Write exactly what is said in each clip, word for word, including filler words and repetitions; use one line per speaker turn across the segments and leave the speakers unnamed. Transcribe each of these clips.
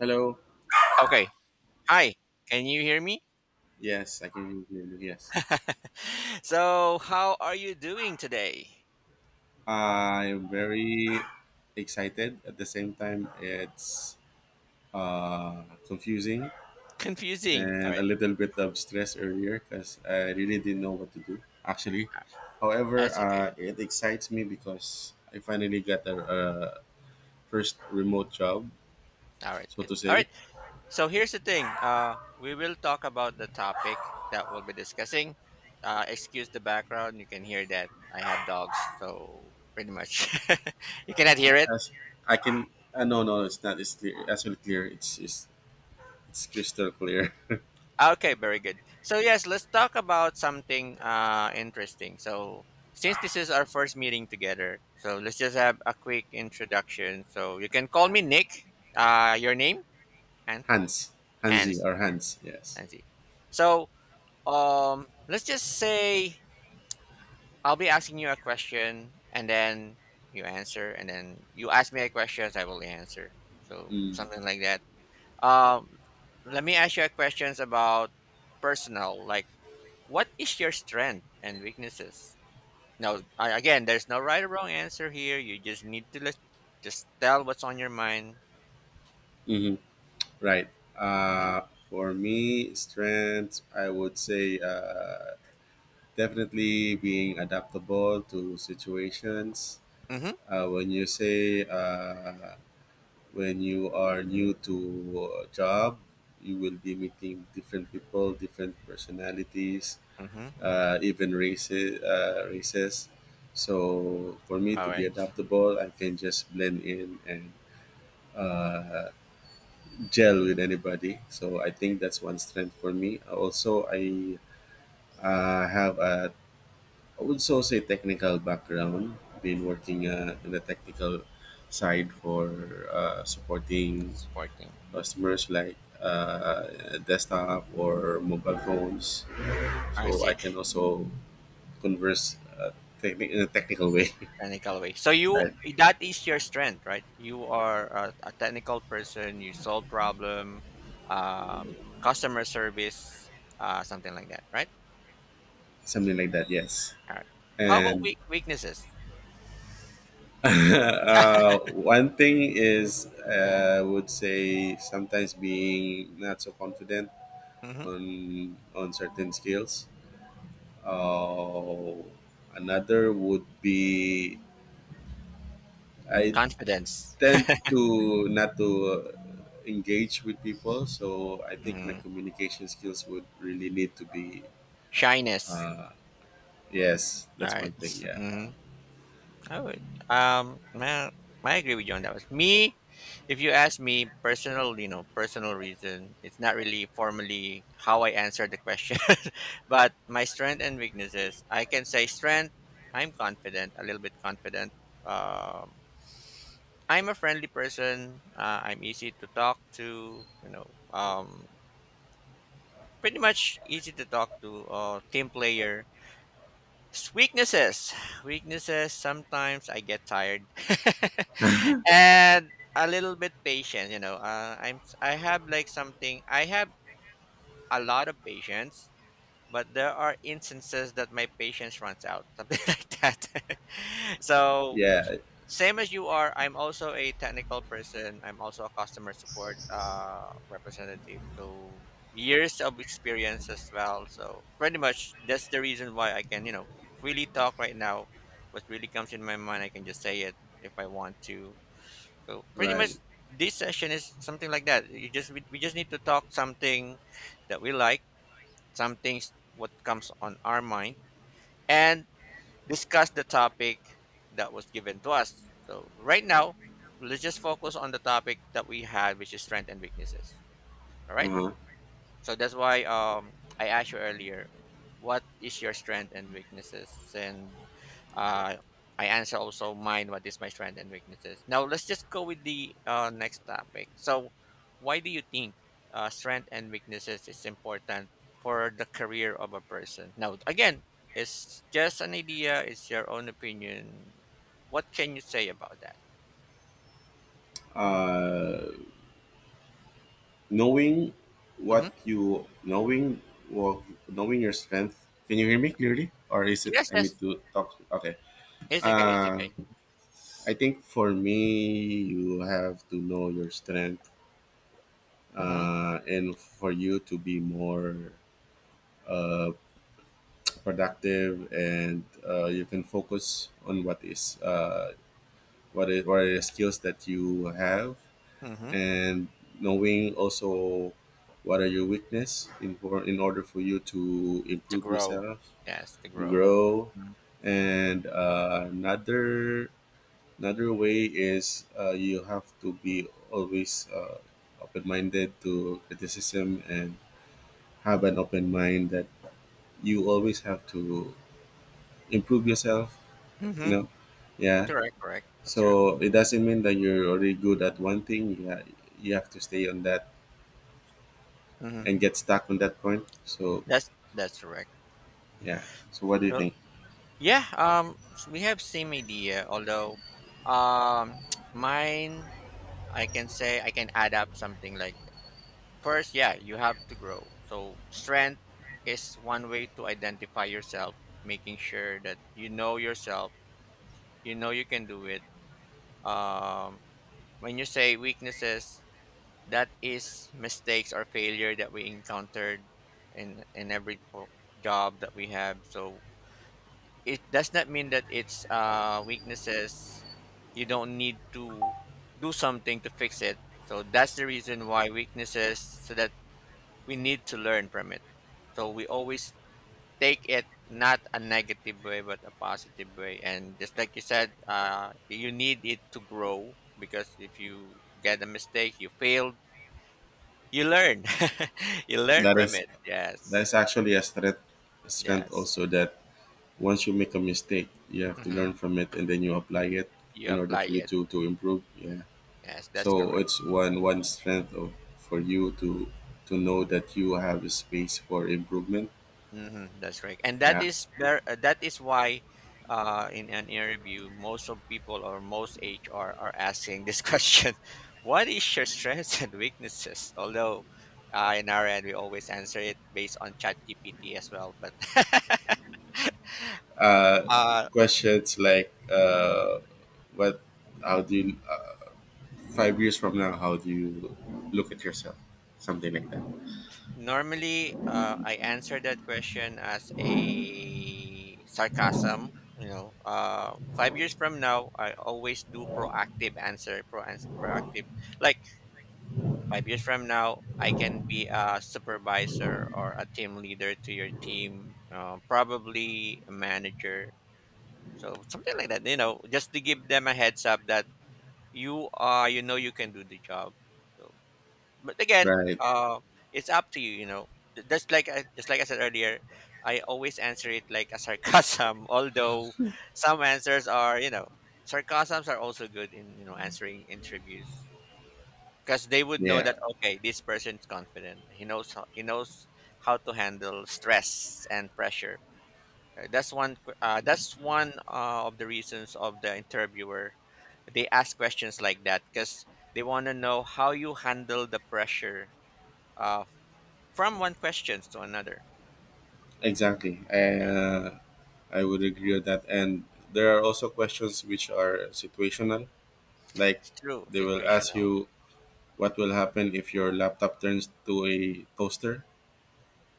Hello.
Okay. Hi. Can you hear me?
Yes, I can hear you. Yes.
So, how are you doing today?
I'm very excited. At the same time, it's uh, confusing
Confusing. All
and a
right.
little bit of stress earlier because I really didn't know what to do, actually. However,
That's okay.
uh, it excites me because I finally got a, a first remote job,
All right.
so
Good.
to
All right.
say.
So, here's the thing. Uh, we will talk about the topic that we'll be discussing. Uh, excuse the background. You can hear that I have dogs, so pretty much you cannot hear it.
As I can, uh, no, no, it's not. It's clear. Actually, clear. It's it's it's crystal clear.
Okay, very good. So yes, let's talk about something uh interesting. So since this is our first meeting together, so let's just have a quick introduction. So you can call me Nick. Uh your name? Hans
Hans, Hansi,
Hans
or Hans. Yes.
Hansi. So um let's just say I'll be asking you a question and then you answer and then you ask me a question, I will answer. So
Mm.
something like that. Um let me ask you a questions about personal like what is your strength and weaknesses? Now, I- again, there's no right or wrong answer here. You just need to let, just tell what's on your mind.
Hmm. Right.
Mm-hmm.
Uh, for me, strength, I would say uh, definitely being adaptable to situations.
Mm-hmm.
Uh, when you say uh, when you are new to a job, you will be meeting different people, different personalities,
Mm-hmm.
uh, even races. Uh, races. So for me
All
to
right.
be
Mm-hmm.
adaptable, I can just blend in and gel with anybody. So I think that's one strength for me. Also, I uh, have a I would so say technical background. Been working uh, in the technical side for uh, supporting
Sporting.
customers like uh, desktop or mobile phones.
I
So I
see.
can also converse uh, techni- in a technical way,
Technical way. So you
like
that is your strength, right? You are a, a technical person. You solve problem, um, customer service, uh, something like that, right?
something like that. Yes,
All right. How about
and
weak weaknesses?
uh, one thing is, uh, I would say sometimes being not so confident
Mm-hmm.
on on certain skills. Uh, Another would be I
Confidence.
tend to not to uh, engage with people, so I think my
Mm-hmm.
communication skills would really need to be.
Shyness.
Yes,
All
that's
right.
one thing. Yeah,
Mm-hmm. I would. Um, man, I agree with you on that. Was me. If you ask me, personal, you know, personal reason, it's not really formally how I answer the question, but my strength and weaknesses. I can say strength. I'm confident, a little bit confident. Um, I'm a friendly person. Uh, I'm easy to talk to. You know, um, pretty much easy to talk to. Uh, team player. Weaknesses. Weaknesses, sometimes I get tired. And a little bit patient, you know. Uh, I'm s- i am I have like something I have a lot of patience, but there are instances that my patience runs out, something like that. So
yeah,
same as you are, I'm also a technical person. I'm also a customer support uh, representative. So years of experience as well. So pretty much that's the reason why I can, you know, freely talk right now. What really comes in my mind, I can just say it if I want to. So pretty
right.
much this session is something like that. You just we, we just need to talk something that we like, some things what comes on our mind, and discuss the topic that was given to us. So right now, let's just focus on the topic that we had, which is strength and weaknesses. All right.
Uh-huh.
So that's why um I asked you earlier, what is your strength and weaknesses? And uh, I answer also mine. What is my strength and weaknesses? Now let's just go with the uh, next topic. So, why do you think uh, strength and weaknesses is important for the career of a person? Now again, it's just an idea. It's your own opinion. What can you say about that?
Uh knowing
Hmm.
what you knowing what Knowing your strength, can you hear me clearly or is it
Yes,
I need
yes,
to talk? Okay.
it's okay. It's
uh
okay.
I think for me, you have to know your strength,
Mm-hmm.
uh and for you to be more uh productive, and uh you can focus on what is uh what is, what are the skills that you have,
Mm-hmm.
and knowing also what are your weakness in, for, in order for you to
To
improve
grow,
yourself,
yes, to grow.
grow. And uh, another another way is, uh, you have to be always uh, open-minded to criticism and have an open mind that you always have to improve yourself, you
Mm-hmm.
know. Yeah.
Correct, correct. That's true.
So it doesn't mean that you're already good at one thing. Yeah, you you have to stay on that
Mm-hmm.
and get stuck on that point. So
That's that's correct.
yeah. So what do you
Well.
think?
Yeah, um, s- we have same idea. Although, um, mine, I can say I can add up something like first. Yeah, you have to grow. So strength is one way to identify yourself, making sure that you know yourself. You know you can do it. Um, when you say weaknesses, that is mistakes or failure that we encountered in in every po- job that we have. So it does not mean that it's uh, weaknesses. You don't need to do something to fix it. So that's the reason why weaknesses, so that we need to learn from it. So we always take it not a negative way, but a positive way. And just like you said, uh, you need it to grow because if you get a mistake, you failed, you learn. You learn
That
from
is,
it.
that
Yes.
is actually a strength, a strength
Yes.
also that once you make a mistake, you have to
Hmm.
learn from it and then you apply it
You
in order
apply
for you
it.
to to improve. Yeah.
Yes, that's
So
correct.
it's one one strength of, for you to to know that you have a space for improvement.
Mm-hmm, that's right, and that
Yeah.
is ver- uh, that is why, uh, in an interview, most of people or most H R are asking this question: what is your strengths and weaknesses? Although, uh, in our end, we always answer it based on ChatGPT as well. But
Uh,
uh,
Questions like uh, what, how do you uh, five years from now, how do you look at yourself, something like that.
normally, uh, I answer that question as a sarcasm. You know, uh, five years from now, I always do proactive answer, pro- proactive. Like five years from now, I can be a supervisor or a team leader to your team, uh, probably a manager. So something like that, you know, just to give them a heads up that you are, you know, you can do the job. So, but again,
Right.
uh, it's up to you, you know. Th- Just like I, just like I said earlier, I always answer it like a sarcasm. Although some answers are, you know, sarcasms are also good in you know answering interviews because they would know
Yeah.
that okay this person is confident he knows how, he knows how to handle stress and pressure. Uh, that's one que- uh, that's one uh, of the reasons of the interviewer they ask questions like that because they want to know how you handle the pressure uh, from one question to another.
Exactly. I,
Yeah,
Uh, I would agree with that. And there are also questions which are situational, like
it's true,
they will ask
situational.
you what will happen if your laptop turns to a toaster.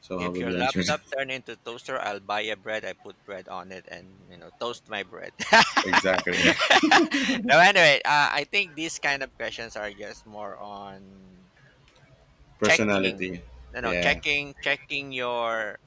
So how
If
will
your
you answer
laptop
that?
turned into toaster, I'll buy a bread, I put bread on it and you know toast my bread.
Exactly.
No, anyway, uh, I think these kind of questions are just more on checking,
Personality.
you know,
Yeah.
checking, checking your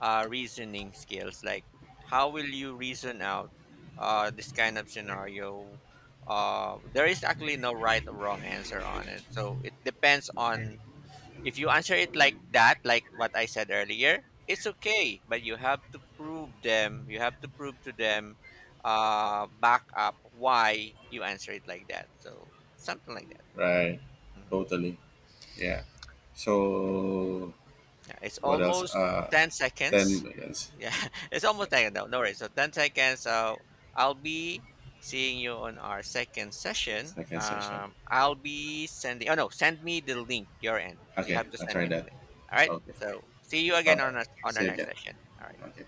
uh, reasoning skills. Like, how will you reason out uh, this kind of scenario? Uh, there is actually no right or wrong answer on it. So it depends on if you answer it like that, like what I said earlier, it's okay, but you have to prove them, you have to prove to them uh back up why you answer it like that. So something like that.
Right.
Mhm.
Totally. Yeah. So
Yeah, it's
what else?
almost
Uh,
ten
ten
seconds.
minutes.
Yeah, it's
Yeah,
almost ten. No, no worries. So ten seconds. Uh, I'll be seeing you on our second
it's
session.
second session.
Um, I'll be sending. Oh no, send me the link. Your end. You
Okay,
have to
I'll
send
try
me the
that.
link. All right.
Okay.
So see you
Bye
again
bye.
on our, on our
See you
next
again.
session. All right.
Okay.